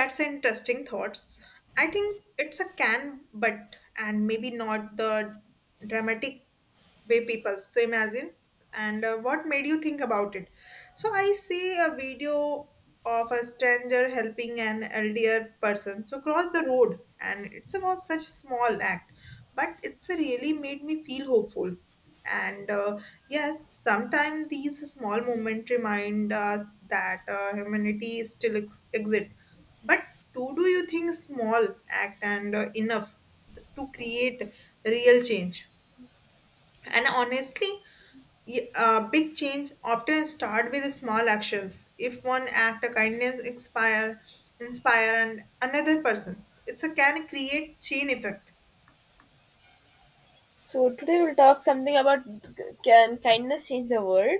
That's interesting thoughts. I think it's a can, but and maybe not the dramatic way people so imagine and what made you think about it. So I see a video of a stranger helping an elderly person so cross the road, and it's about such small act, but it's really made me feel hopeful. And yes, sometimes these small moments remind us that humanity still exists. But do you think small act and enough to create real change? And honestly, big change often start with small actions. If one act of kindness inspire and another person, it's a can create chain effect. So today we'll talk something about can kindness change the world.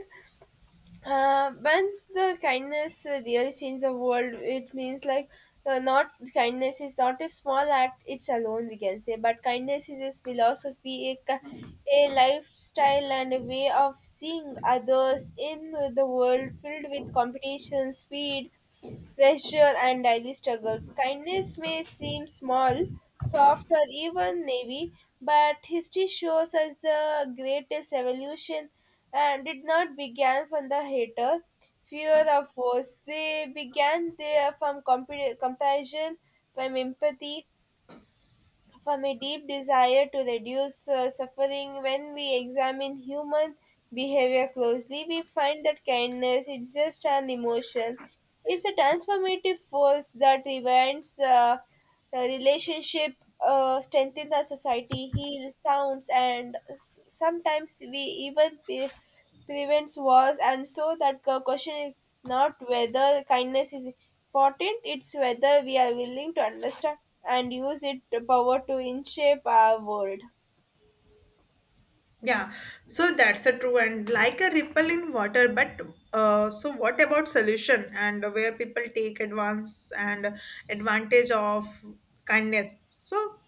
Once the kindness really change the world, it means like not kindness is not a small act; it's alone we can say, but kindness is a philosophy, a lifestyle, and a way of seeing others in the world filled with competition, speed, pressure, and daily struggles. Kindness may seem small, soft, or even naive, but history shows us the greatest revolution and did not begin from the hater, fear of force. They began there from compassion, from empathy, from a deep desire to reduce suffering when we examine human behavior closely we find that kindness is just an emotion, it's a transformative force that rewinds the relationship, strengthens our society, heals sounds, and sometimes we even be, prevents wars. And so that the question is not whether kindness is important, it's whether we are willing to understand and use it power to in shape our world. Yeah, so that's a true, and like a ripple in water. But so what about solution and where people take advance and advantage of kindness? So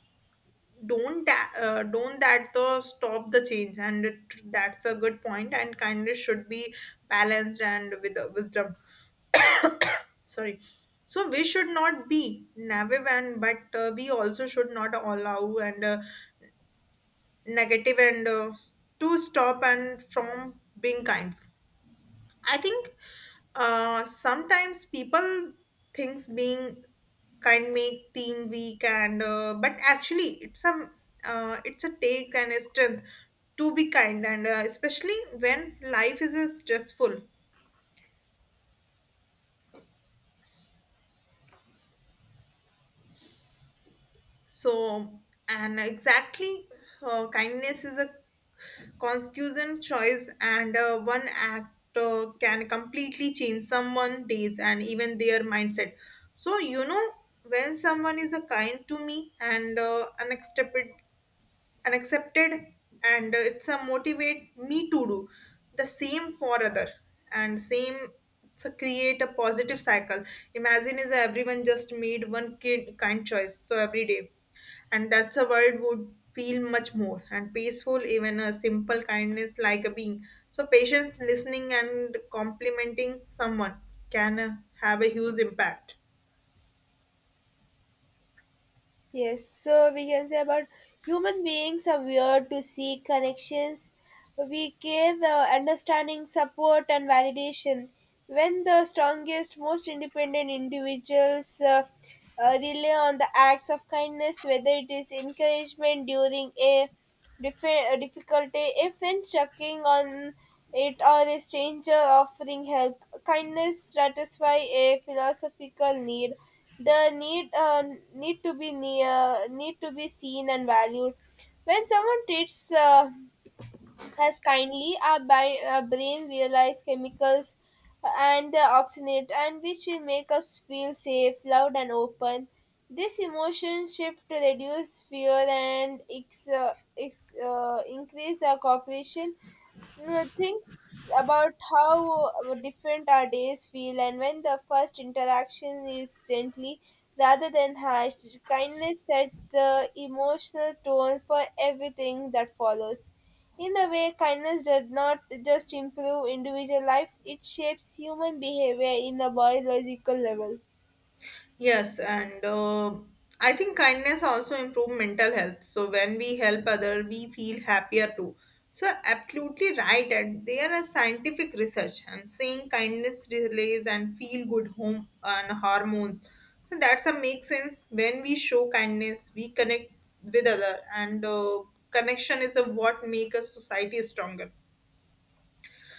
don't that the stop the change, and that's a good point, and kindness should be balanced and with wisdom. Sorry, so we should not be naive and, but we also should not allow and negative and to stop and from being kind. I think sometimes people thinks being can't make team weak and but actually it's a take and a strength to be kind and especially when life is stressful. So and exactly, kindness is a conscious choice, and one act can completely change someone's days and even their mindset. So you know, when someone is a kind to me and unexpected and accepted, and it's a motivate me to do the same for other. And same, it's a create a positive cycle. Imagine is everyone just made one kid kind choice so every day, and that's a world would feel much more and peaceful. Even a simple kindness like a being so patience, listening, and complimenting someone can have a huge impact. Yes, so we can say about human beings are weird to seek connections. We care the understanding, support, and validation. When the strongest, most independent individuals rely on the acts of kindness, whether it is encouragement during a a difficulty, a friend checking on it, or a stranger offering help, kindness satisfies a philosophical need, the need need to be near, need to be seen and valued. When someone treats us kindly, our, our brain realize chemicals and the oxygenate and which will make us feel safe, loud and open. This emotion shift reduce fear and increase our cooperation. Mm, thinks about how different our days feel and when the first interaction is gently rather than harsh. Kindness sets the emotional tone for everything that follows. In a way, kindness does not just improve individual lives, it shapes human behavior in a biological level. Yes, and I think kindness also improve mental health. So when we help other, we feel happier too. So absolutely right, and there are scientific research and saying kindness release and feel good home and hormones. So that's a make sense. When we show kindness, we connect with other, and connection is a what make a society stronger.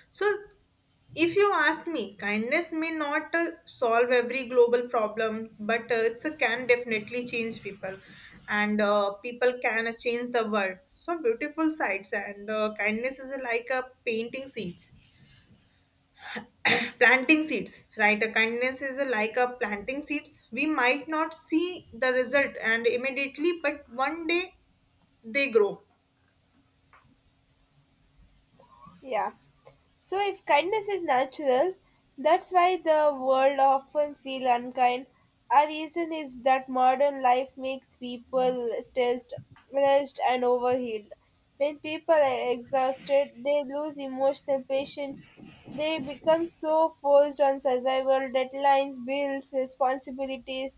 So, if you ask me, kindness may not solve every global problem, but it's a can definitely change people, and people can change the world. So beautiful sides, and kindness is like a planting seeds, right? A kindness is like a planting seeds. We might not see the result and immediately, but one day they grow. Yeah. So, if kindness is natural, that's why the world often feel unkind. Our reason is that modern life makes people stressed, rushed, and overheated. When people are exhausted, they lose emotional patience. They become so focused on survival, deadlines, bills, responsibilities,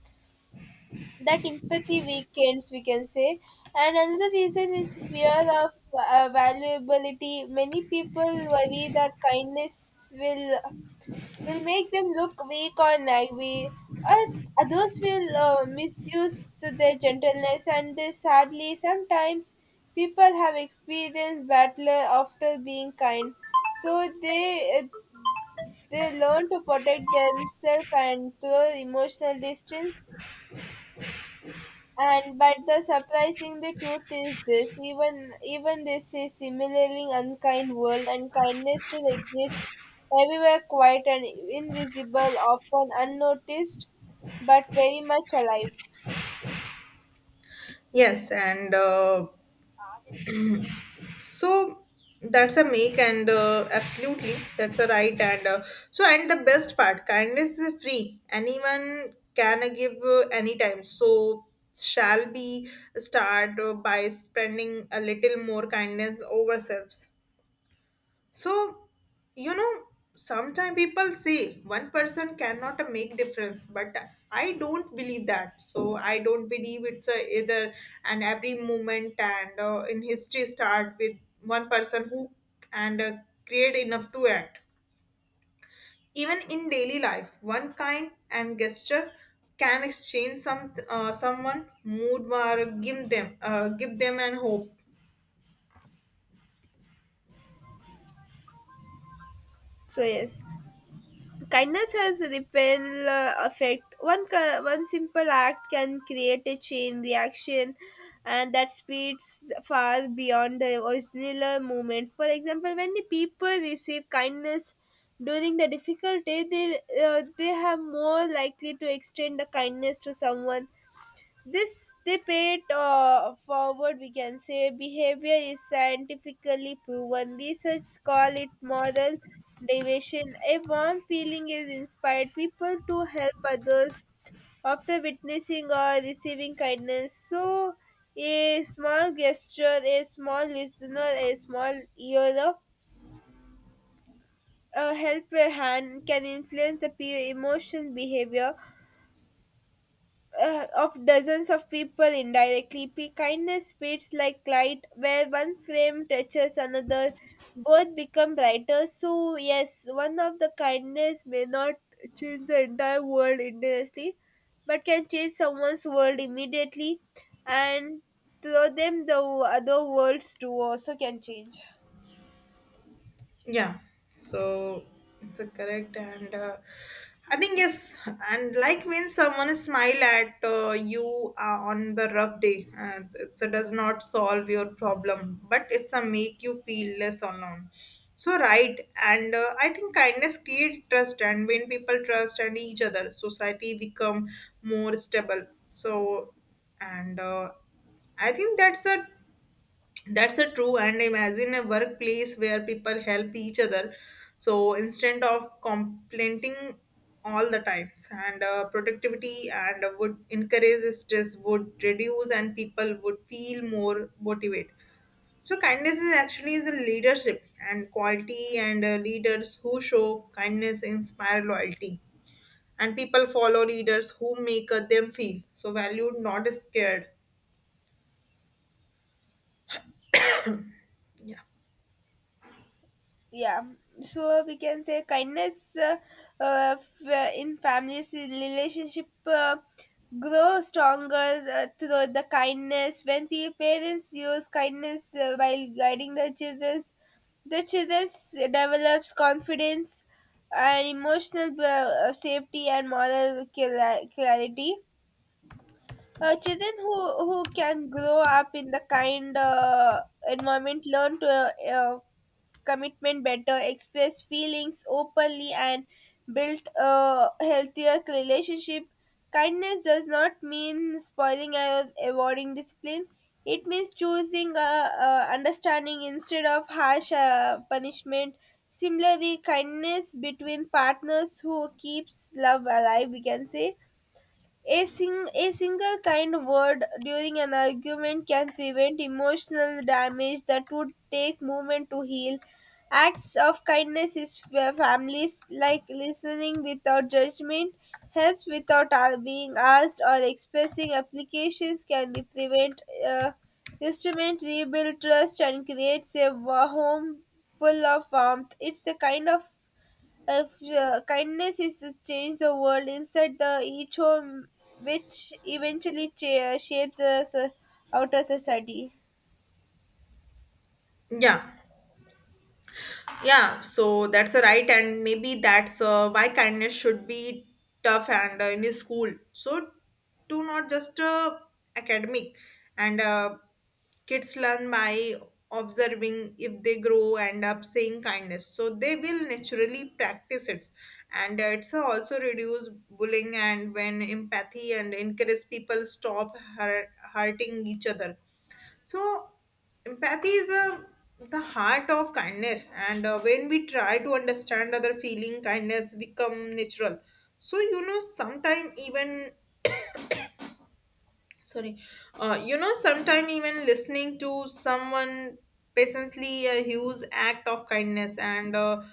that empathy weakens we can say. And another reason is fear of valuability. Many people worry that kindness will make them look weak or naive, or others will misuse their gentleness, and they sadly sometimes people have experienced battle after being kind, so they learn to protect themselves and throw emotional distance. And but the surprising the truth is this, even this is similarly unkind world, and kindness still exists everywhere, quiet and invisible, often unnoticed, but very much alive. Yes, and so that's a make and absolutely that's a right, and so and the best part, kindness is free, anyone can give anytime. So shall be start by spending a little more kindness over selves. So, you know, sometimes people say one person cannot make difference, but I don't believe that. So I don't believe it's a either, and every moment and in history start with one person who and create enough to act. Even in daily life, one kind and gesture can exchange someone mood or give them an hope. So yes. Kindness has ripple effect. One simple act can create a chain reaction, and that spreads far beyond the original movement. For example, when the people receive kindness during the difficult day, they have more likely to extend the kindness to someone, this debate forward, we can say, behavior is scientifically proven. Research call it moral deviation. A warm feeling is inspired people to help others after witnessing or receiving kindness. So, a small gesture, a small listener, a small ear, a helper hand can influence the peer emotion behavior of dozens of people indirectly. P kindness spreads like light, where one flame touches another, both become brighter. So yes, one of the kindness may not change the entire world indirectly, but can change someone's world immediately, and through them the other worlds too also can change. Yeah, so it's a correct, and I think yes, and like when someone smile at you on the rough day, it so does not solve your problem, but it's a make you feel less alone. So right, and I think kindness create trust, and when people trust and each other, society become more stable. So, and I think that's a true, and imagine a workplace where people help each other. So instead of complaining all the times, and productivity and would encourage, stress would reduce, and people would feel more motivated. So kindness is actually is a leadership and quality, and leaders who show kindness inspire loyalty, and people follow leaders who make them feel so valued, not scared. Yeah, so we can say kindness in families in relationship grow stronger through the kindness. When the parents use kindness while guiding the children, the children develops confidence and emotional safety and moral clarity. Uh, children who can grow up in the kind environment learn to commitment better, expressed feelings openly, and built a healthier relationship. Kindness does not mean spoiling or avoiding discipline. It means choosing understanding instead of harsh punishment. Similarly, kindness between partners who keeps love alive, we can say a single kind word during an argument can prevent emotional damage that would take moment to heal. Acts of kindness is where families like listening without judgment, helps without being asked, or expressing applications can be prevent uh, instrument, rebuild trust, and creates a home full of warmth. It's a kind of if kindness is to change the world inside the each home, which eventually shapes the outer society. Yeah. Yeah, so that's a right, and maybe that's why kindness should be tough and in a school. So, to not just academic, and kids learn by observing. If they grow and up saying kindness, so they will naturally practice it, and it's also reduce bullying, and when empathy and encourage people stop hurting each other. So, empathy is the heart of kindness, and when we try to understand other feeling, kindness become natural. So you know, sometime even sorry, you know, sometime even listening to someone patiently, a huge act of kindness, and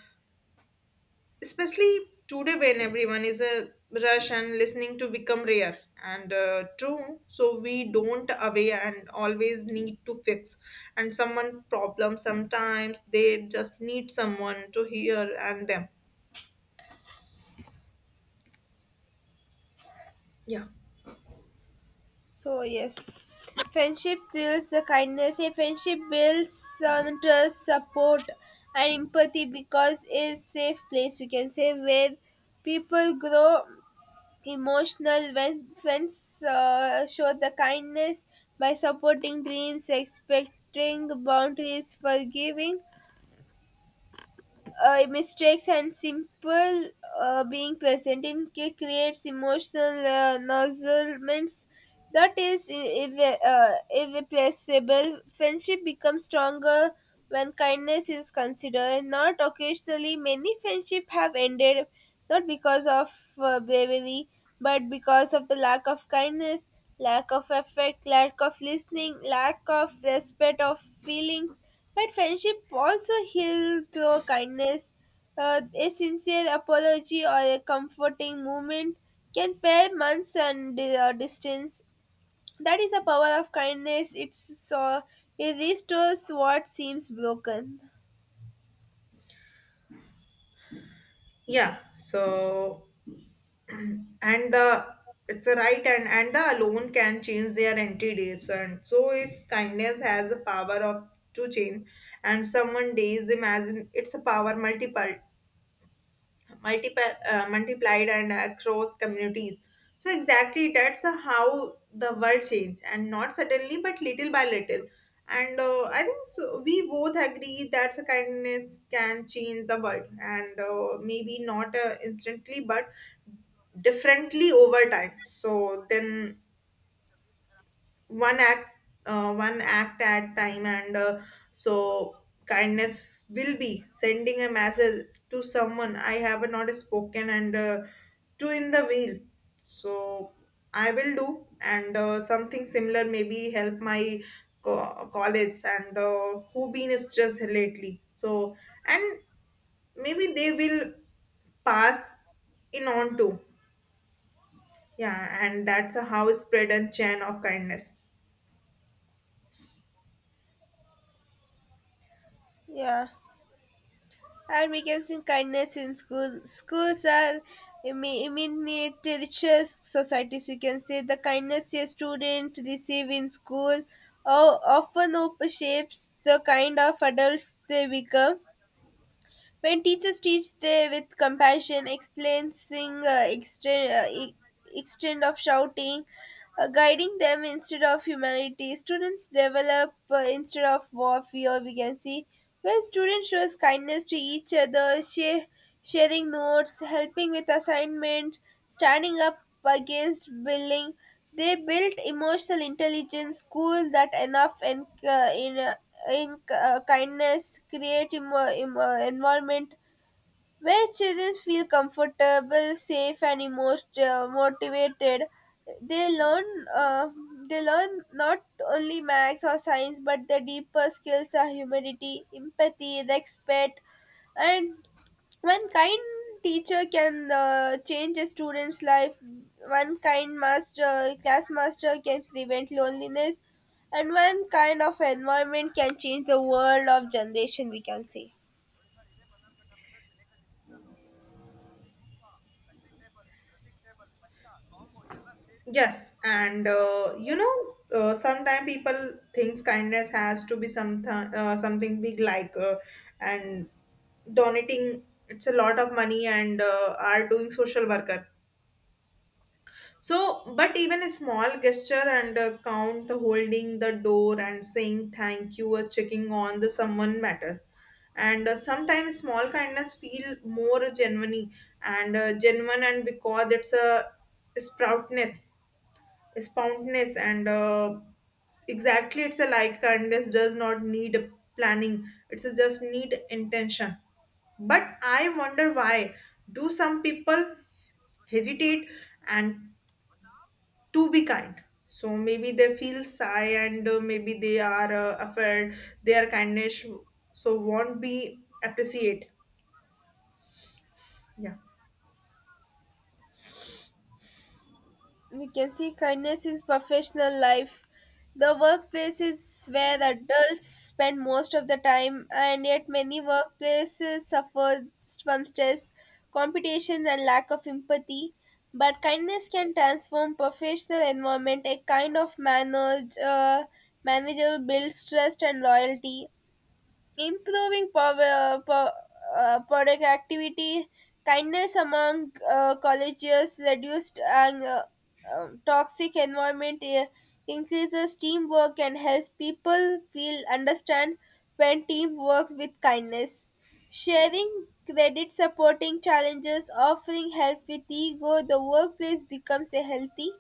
especially today when everyone is a rush and listening to become rare and true. So we don't away and always need to fix and someone problem. Sometimes they just need someone to hear and them. Yeah. So yes, friendship builds the kindness. A friendship builds on trust, support, and empathy because it's a safe place we can say where people grow emotional when friends show the kindness by supporting dreams, expecting boundaries, forgiving mistakes and simple being present in creates emotional nozzlements that is irre- uh, irreplaceable. Friendship becomes stronger when kindness is considered, not occasionally. Many friendships have ended not because of bravery but because of the lack of kindness, lack of effect, lack of listening, lack of respect of feelings. But friendship also heals through kindness. A sincere apology or a comforting moment can pair months and distance. That is the power of kindness. It's so it restores what seems broken. Yeah, so and the it's a right, and the alone can change their entities. And so if kindness has the power of to change and someone days, imagine it's a power multiplied and across communities. So exactly that's how the world changed and not suddenly but little by little, and I think so, we both agree that the kindness can change the world, and maybe not instantly, but differently over time. So then one act one act at time, and so kindness will be sending a message to someone I have not spoken and two in the wheel. So I will do and something similar, maybe help my college and who been stressed lately. So and maybe they will pass in on to. Yeah, and that's a how spread and chain of kindness. Yeah. And we can see kindness in school. Schools are immediately richer societies, you can say. The kindness a student receive in school shapes the kind of adults they become. When teachers teach they with compassion, explaining uh, extent, uh, e- extent of shouting, guiding them instead of humanity. Students develop instead of warfare, we can see. When students shows kindness to each other, share, sharing notes, helping with assignments, standing up against bullying, they build emotional intelligence. School that enough and in kindness create environment where children feel comfortable, safe, and emotion, motivated, they learn. Uh, they learn not only maths or science, but the deeper skills are humility, empathy, respect, and one kind teacher can change a student's life. One kind master, class master, can prevent loneliness, and one kind of environment can change the world of generation. We can say. Yes, and sometimes people thinks kindness has to be something big like and donating it's a lot of money and are doing social worker. So, but even a small gesture and count holding the door and saying thank you or checking on the someone matters. And sometimes small kindness feel more genuine and because it's a sproutness spontaneous and exactly it's a like kindness does not need planning, it's a just need intention. But I wonder, why do some people hesitate and to be kind? So maybe they feel shy, and maybe they are afraid their kindness so won't be appreciated. Yeah. We can see kindness in professional life. The workplace is where adults spend most of the time, and yet many workplaces suffer from stress, competition, and lack of empathy. But kindness can transform professional environment. A kind of manager builds trust and loyalty, improving productivity, kindness among colleagues, reduced toxic environment, increases teamwork and helps people feel understand when team works with kindness. Sharing credit, supporting challenges, offering help with ego, the workplace becomes a healthy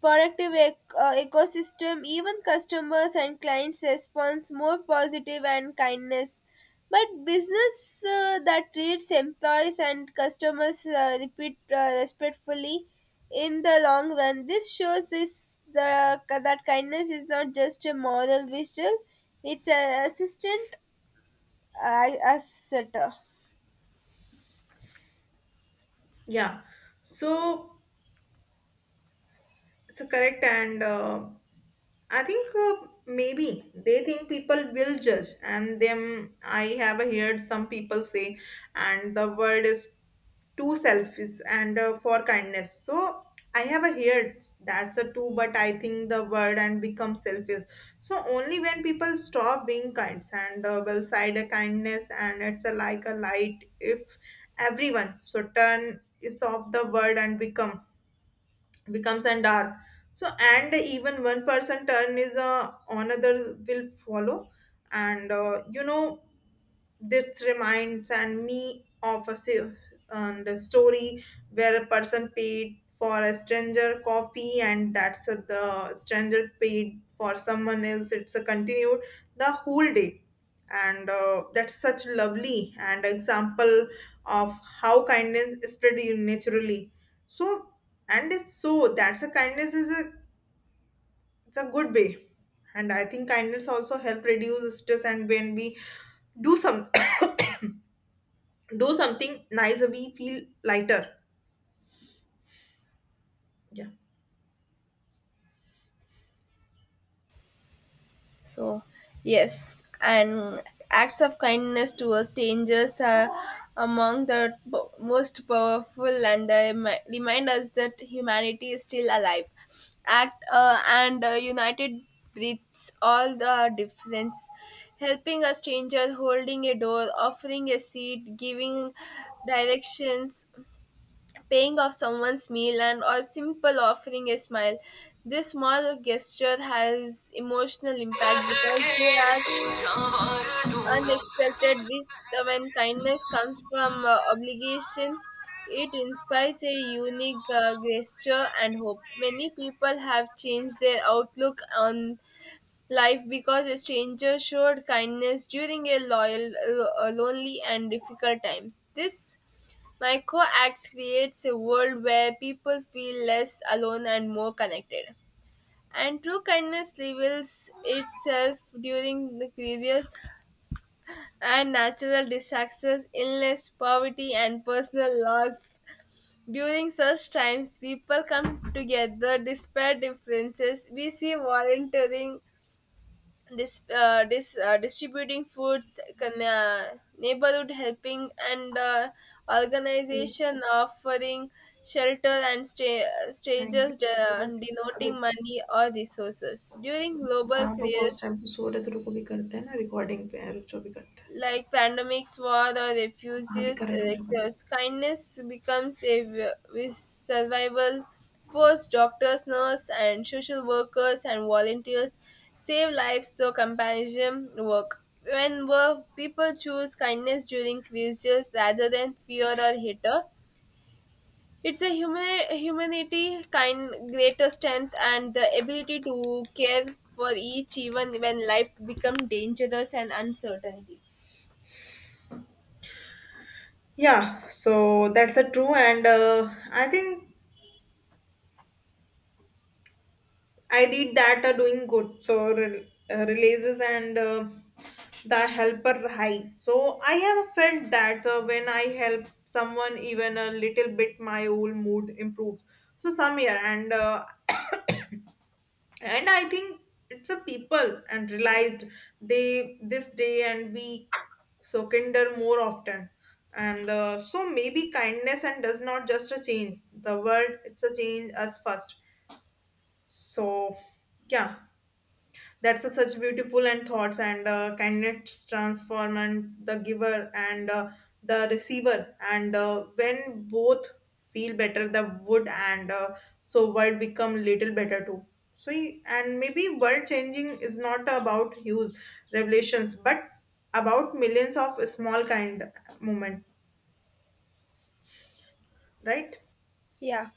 productive ecosystem, even customers and clients response more positive and kindness but business that treats employees and customers repeat respectfully in the long run. This shows is the that kindness is not just a moral visual, it's a assistant asset. Yeah, so it's correct, and I think maybe they think people will judge, and them. I have heard some people say, and the world is too selfish and for kindness. So I have heard that's a two, but I think the word and become selfish. So only when people stop being kind and will side a kindness, and it's a like a light. If everyone so turn is off, the word and becomes and dark. So and even one person turn is another will follow. And you know, this reminds and me of a the story where a person paid for a stranger coffee, and the stranger paid for someone else. It's a continued the whole day. And that's such lovely and example of how kindness spread you naturally. So, and it's so that's a kindness is a it's a good way. And I think kindness also help reduce stress, and when we do some do something nice, we feel lighter. Yeah. So, yes, and acts of kindness towards strangers are among the most powerful and they remind us that humanity is still alive. Act and United breeds all the difference, helping a stranger, holding a door, offering a seat, giving directions, paying off someone's meal, and or simple offering a smile. This small gesture has emotional impact because they are unexpected with when kindness comes from obligation, it inspires a unique gesture and hope. Many people have changed their outlook on life because a stranger showed kindness during a lonely, and difficult times. This micro acts creates a world where people feel less alone and more connected. And true kindness reveals itself during the grievous and natural disasters, illness, poverty, and personal loss. During such times, people come together despite differences. We see volunteering distributing foods, neighborhood helping, and organization offering shelter, and strangers denoting money or resources. During global crisis, जो भी करते like pandemics, war, or refugees, like, kindness becomes a with survival force. Doctors, nurses, and social workers and volunteers save lives through compassion work. When people choose kindness during crises rather than fear or hatred, it's a human humanity kind greater strength and the ability to care for each even when life becomes dangerous and uncertainty. हैं. Yeah, so that's a true, and I think I did that doing good so releases and the helper high. So I have felt that when I help someone even a little bit, my whole mood improves. So some year, and I think it's a people and realized they this day, and we so kinder more often, and so maybe kindness and does not just a change the world, it's a change us first. So yeah, that's a such beautiful and thoughts, and kindness transform and the giver, and the receiver, and when both feel better, the wood, and so world become little better too. So and maybe world changing is not about huge revelations, but about millions of small kind moment, right? Yeah.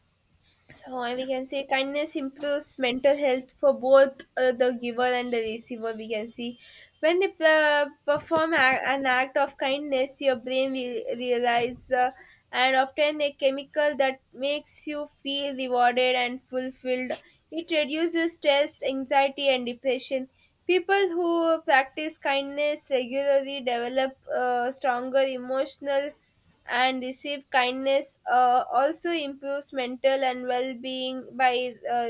So Yeah. we can say kindness improves mental health for both the giver and the receiver. We can see when they perform an act of kindness, your brain will realize and obtain a chemical that makes you feel rewarded and fulfilled. It reduces stress, anxiety, and depression. People who practice kindness regularly develop stronger emotional and receive kindness also improves mental and well-being by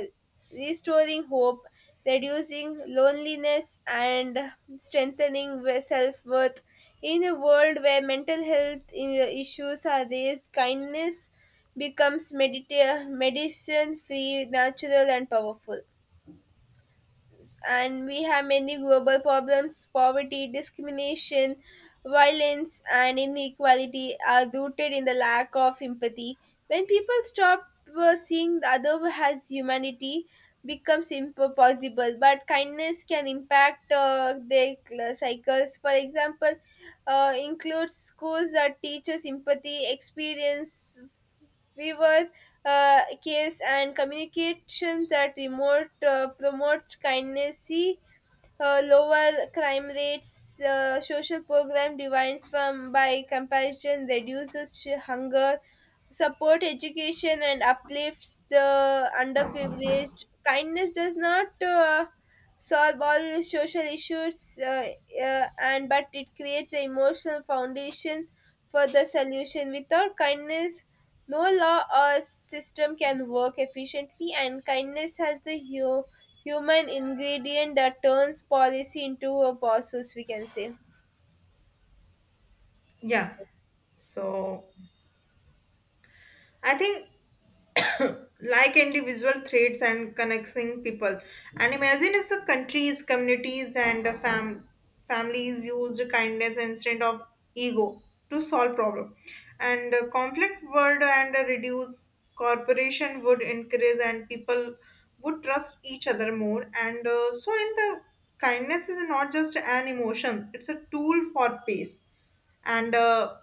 restoring hope, reducing loneliness, and strengthening self-worth. In a world where mental health issues are raised, kindness becomes medicine, free, natural, and powerful. And we have many global problems, poverty, discrimination, violence, and inequality are rooted in the lack of empathy. When people stop seeing the other as humanity becomes impossible, but kindness can impact their cycles. For example, includes schools that teaches empathy experience fever case and communication that remote promote kindness, lower crime rates, social program divides from by comparison reduces hunger, support education, and uplifts the underprivileged. Kindness does not solve all social issues, and but it creates an emotional foundation for the solution. Without kindness, no law or system can work efficiently, and kindness has the human ingredient that turns policy into a process, we can say. Yeah. So I think like individual threads and connecting people. And imagine if the countries, communities, and the families used kindness instead of ego to solve problem. And the conflict world and a reduce corporation would increase, and people would trust each other more. And so in the kindness is not just an emotion; it's a tool for peace and. Uh,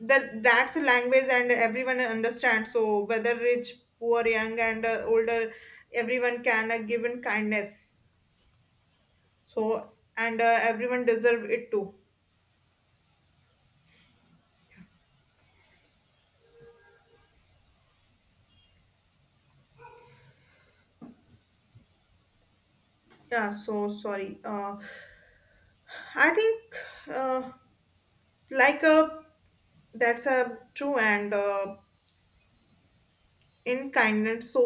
that that's a language and everyone understands, so whether rich, poor, young and older, everyone can give in kindness. So and everyone deserve it too. Yeah, so sorry, I think uh, like a that's a true, and in kindness, so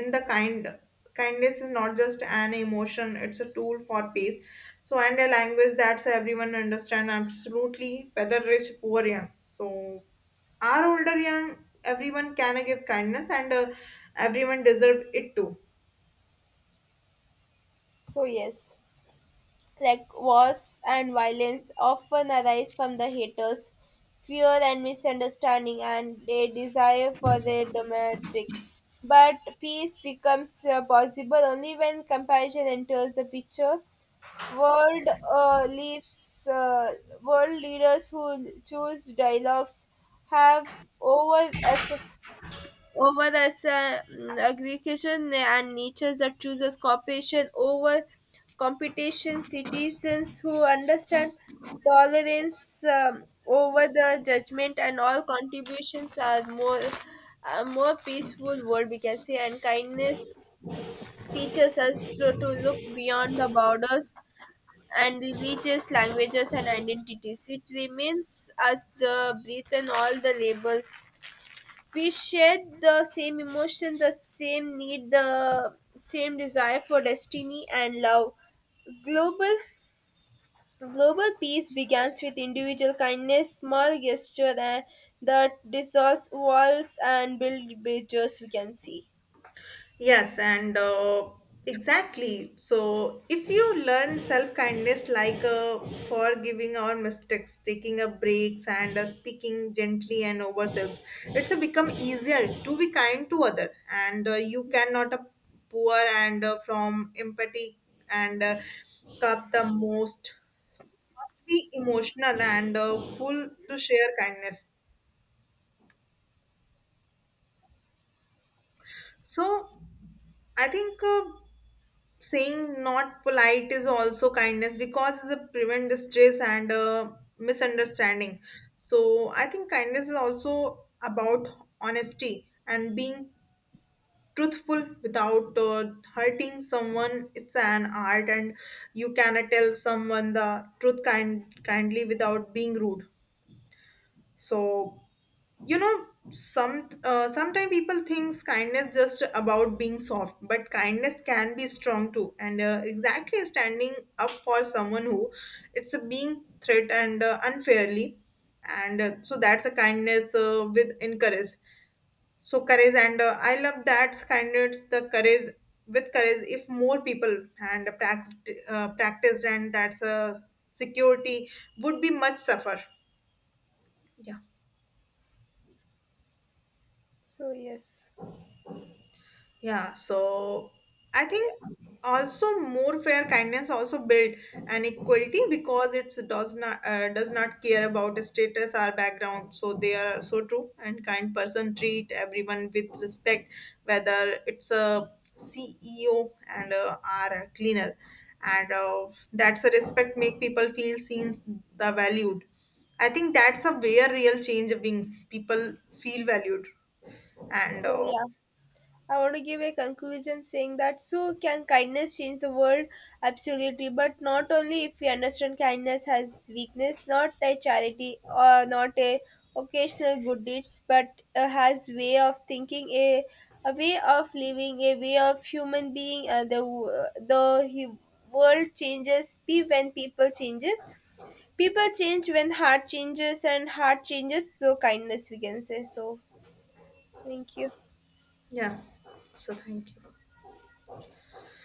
in the kindness is not just an emotion, it's a tool for peace. So and a language that's everyone understand absolutely, whether rich, poor, young, so our older, young, everyone can give kindness, and everyone deserve it too. So, yes, like wars and violence often arise from the haters' fear and misunderstanding and a desire for their domestic. But peace becomes possible only when compassion enters the picture. World uh, leaves uh, world leaders who choose dialogues have over as over as aggregation and natures that chooses cooperation over competition. Citizens who understand tolerance over the judgment and all contributions are more a more peaceful world we can say. And kindness teaches us to look beyond the borders and religious languages and identities. It remains as the breath and all the labels. We share the same emotion, the same need, the same desire for destiny and love. Global Global peace begins with individual kindness, small gesture and that dissolves walls and build bridges we can see. Yes, and exactly. So, if you learn self kindness, like forgiving our mistakes, taking a breaks, and speaking gently and ourselves, it's become easier to be kind to other. And you cannot poor and from empathy and cup the most must be emotional and full to share kindness. So, I think. Saying not polite is also kindness because it's a prevent distress and misunderstanding. So I think kindness is also about honesty and being truthful without hurting someone. It's an art, and you cannot tell someone the truth kindly without being rude. So you know sometimes people thinks kindness just about being soft, but kindness can be strong too. And exactly standing up for someone who it's a being threatened unfairly, and so that's a kindness with in courage. So courage, and I love that, kindness the courage with courage. If more people and practiced and that's a security would be much suffer. Yeah. So yes. Yeah, so I think Yeah. also more fair kindness also build an equality because it does not care about status or background. So they are so true, and kind person treat everyone with respect, whether it's a CEO and or a cleaner, and that's a respect make people feel seen, the valued. I think that's a where real change brings people feel valued and. So yeah. I want to give a conclusion saying that so can kindness change the world? Absolutely, but not only if we understand kindness as weakness, not a charity or not a occasional good deeds, but has way of thinking, a way of living, a way of human being. The world changes be when people changes. People change when heart changes, and heart changes so kindness. We can say so. Thank you. Yeah. So thank you.